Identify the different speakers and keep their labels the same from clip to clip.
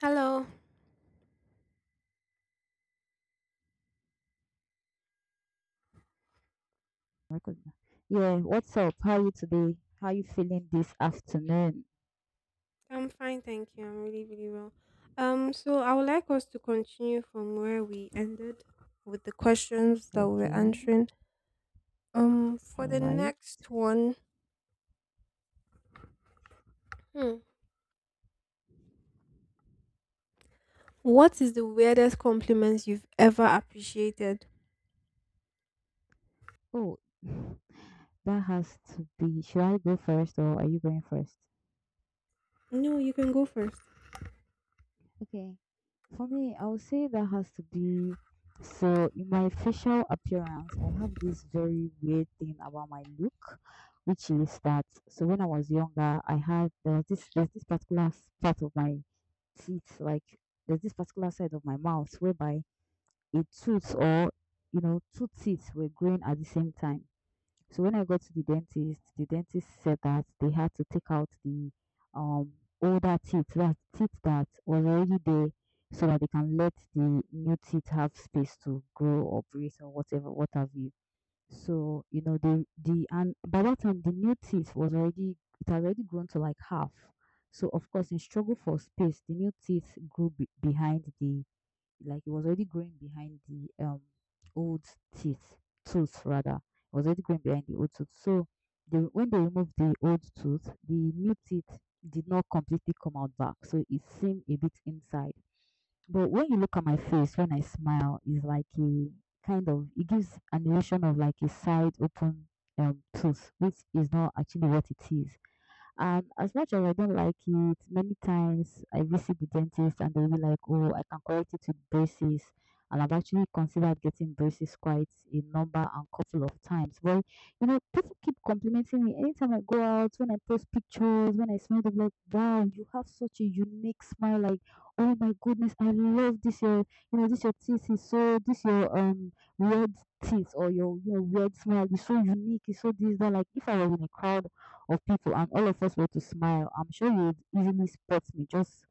Speaker 1: Hello,
Speaker 2: Record. Yeah, what's up? How are you today? How are you feeling this afternoon?
Speaker 1: I'm fine, thank you. I'm really, really well. So I would like us to continue from where we ended with the questions that we were
Speaker 2: Okay,
Speaker 1: answering.
Speaker 2: all
Speaker 1: For the
Speaker 2: right.
Speaker 1: next one, hmm, what is the weirdest compliments you've ever appreciated?
Speaker 2: Oh, that has to be. Should I go first or are you going first?
Speaker 1: No, you can go first.
Speaker 2: Okay, for me, I would say that has to be. So, in my facial appearance, I have this very weird thing about my look, which is that. So, when I was younger, I had there was this particular part of my teeth, like there's this particular side of my mouth whereby a tooth or you know two teeth were growing at the same time. So when I got to the dentist said that they had to take out the um older teeth that was already there, so that they can let the new teeth have space to grow or breathe or whatever, what have you. So you know the and by that time the new teeth was already it had already grown to like half. So of course in struggle for space, the new teeth grew behind the, like, it was already growing behind the old teeth tooth, rather, it was already growing behind the old tooth. So they, when they removed the old tooth, the new teeth did not completely come out back, so it seemed a bit inside. But when you look at my face when I smile, it's like a kind of, it gives an illusion of like a side open tooth, which is not actually what it is. As much as I don't like it, many times I visit the dentist and they'll be like, "Oh, I can correct it with braces." And I've actually considered getting braces quite a number and couple of times. Well, you know, people keep complimenting me anytime I go out, when I post pictures, when I smile, they're like, "Wow, you have such a unique smile!" Like, "Oh my goodness, I love this your, you know, this your teeth is so, this your weird teeth or your you know weird smile is so unique, it's so this that." Like, if I was in a crowd of people, and all of us were to smile, I'm sure you would easily spot me just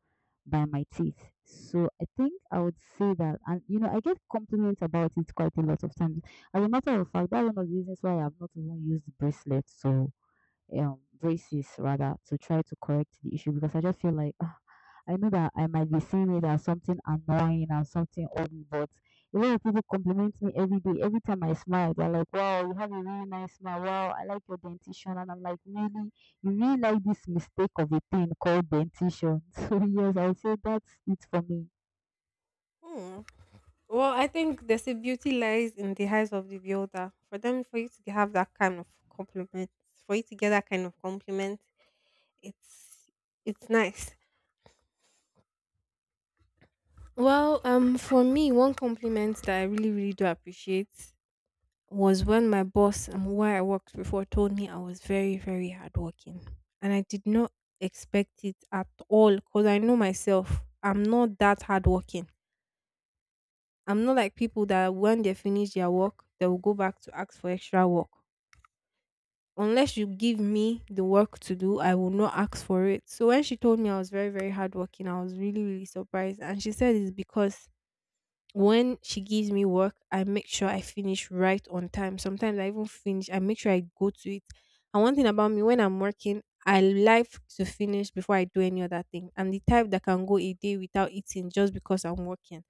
Speaker 2: by my teeth. So I think I would say that, and you know, I get compliments about it quite a lot of times. As a matter of fact, that's one of the reasons why I have not even used bracelets. So braces rather, to try to correct the issue, because I just feel like, ah, I know that I might be seeing it as something annoying and something ugly, but a lot of people compliment me every day. Every time I smile, they're like, "Wow, you have a really nice smile. Wow, I like your dentition." And I'm like, "Really? You really like this mistake of a thing called dentition?" So yes, I would say that's it for me.
Speaker 1: Hmm. Well, I think there's a beauty lies in the eyes of the beholder. For them, for you to have that kind of compliment, for you to get that kind of compliment, it's it's nice. Well, for me, one compliment that I really, really do appreciate was when my boss and where I worked before told me I was very, very hardworking, and I did not expect it at all because I know myself. I'm not that hardworking. I'm not like people that when they finish their work, they will go back to ask for extra work. Unless you give me the work to do, I will not ask for it. So when she told me I was very, very hardworking, I was really, really surprised. And she said it's because when she gives me work, I make sure I finish right on time. Sometimes I even finish, I make sure I go to it. And one thing about me, when I'm working, I like to finish before I do any other thing. I'm the type that can go a day without eating just because I'm working.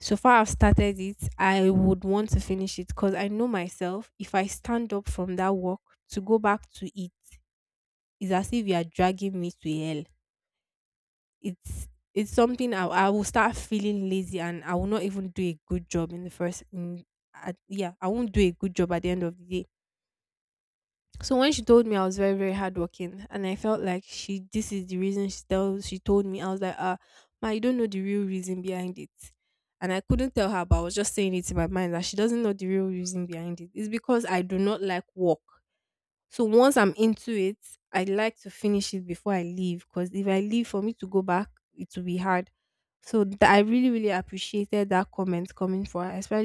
Speaker 1: So far, I've started it. I would want to finish it because I know myself. If I stand up from that work to go back to it, it's as if you are dragging me to hell. It's it's something I will start feeling lazy and I will not even do a good job in the first in at, yeah, I won't do a good job at the end of the day. So when she told me I was very, very hardworking, and I felt like she this is the reason she tells she told me. I was like, ah, ma, you don't know the real reason behind it. And I couldn't tell her, but I was just saying it in my mind that she doesn't know the real reason behind it. It's because I do not like work. So once I'm into it, I like to finish it before I leave, because if I leave, for me to go back, it will be hard. I really, really appreciated that comment coming from her, especially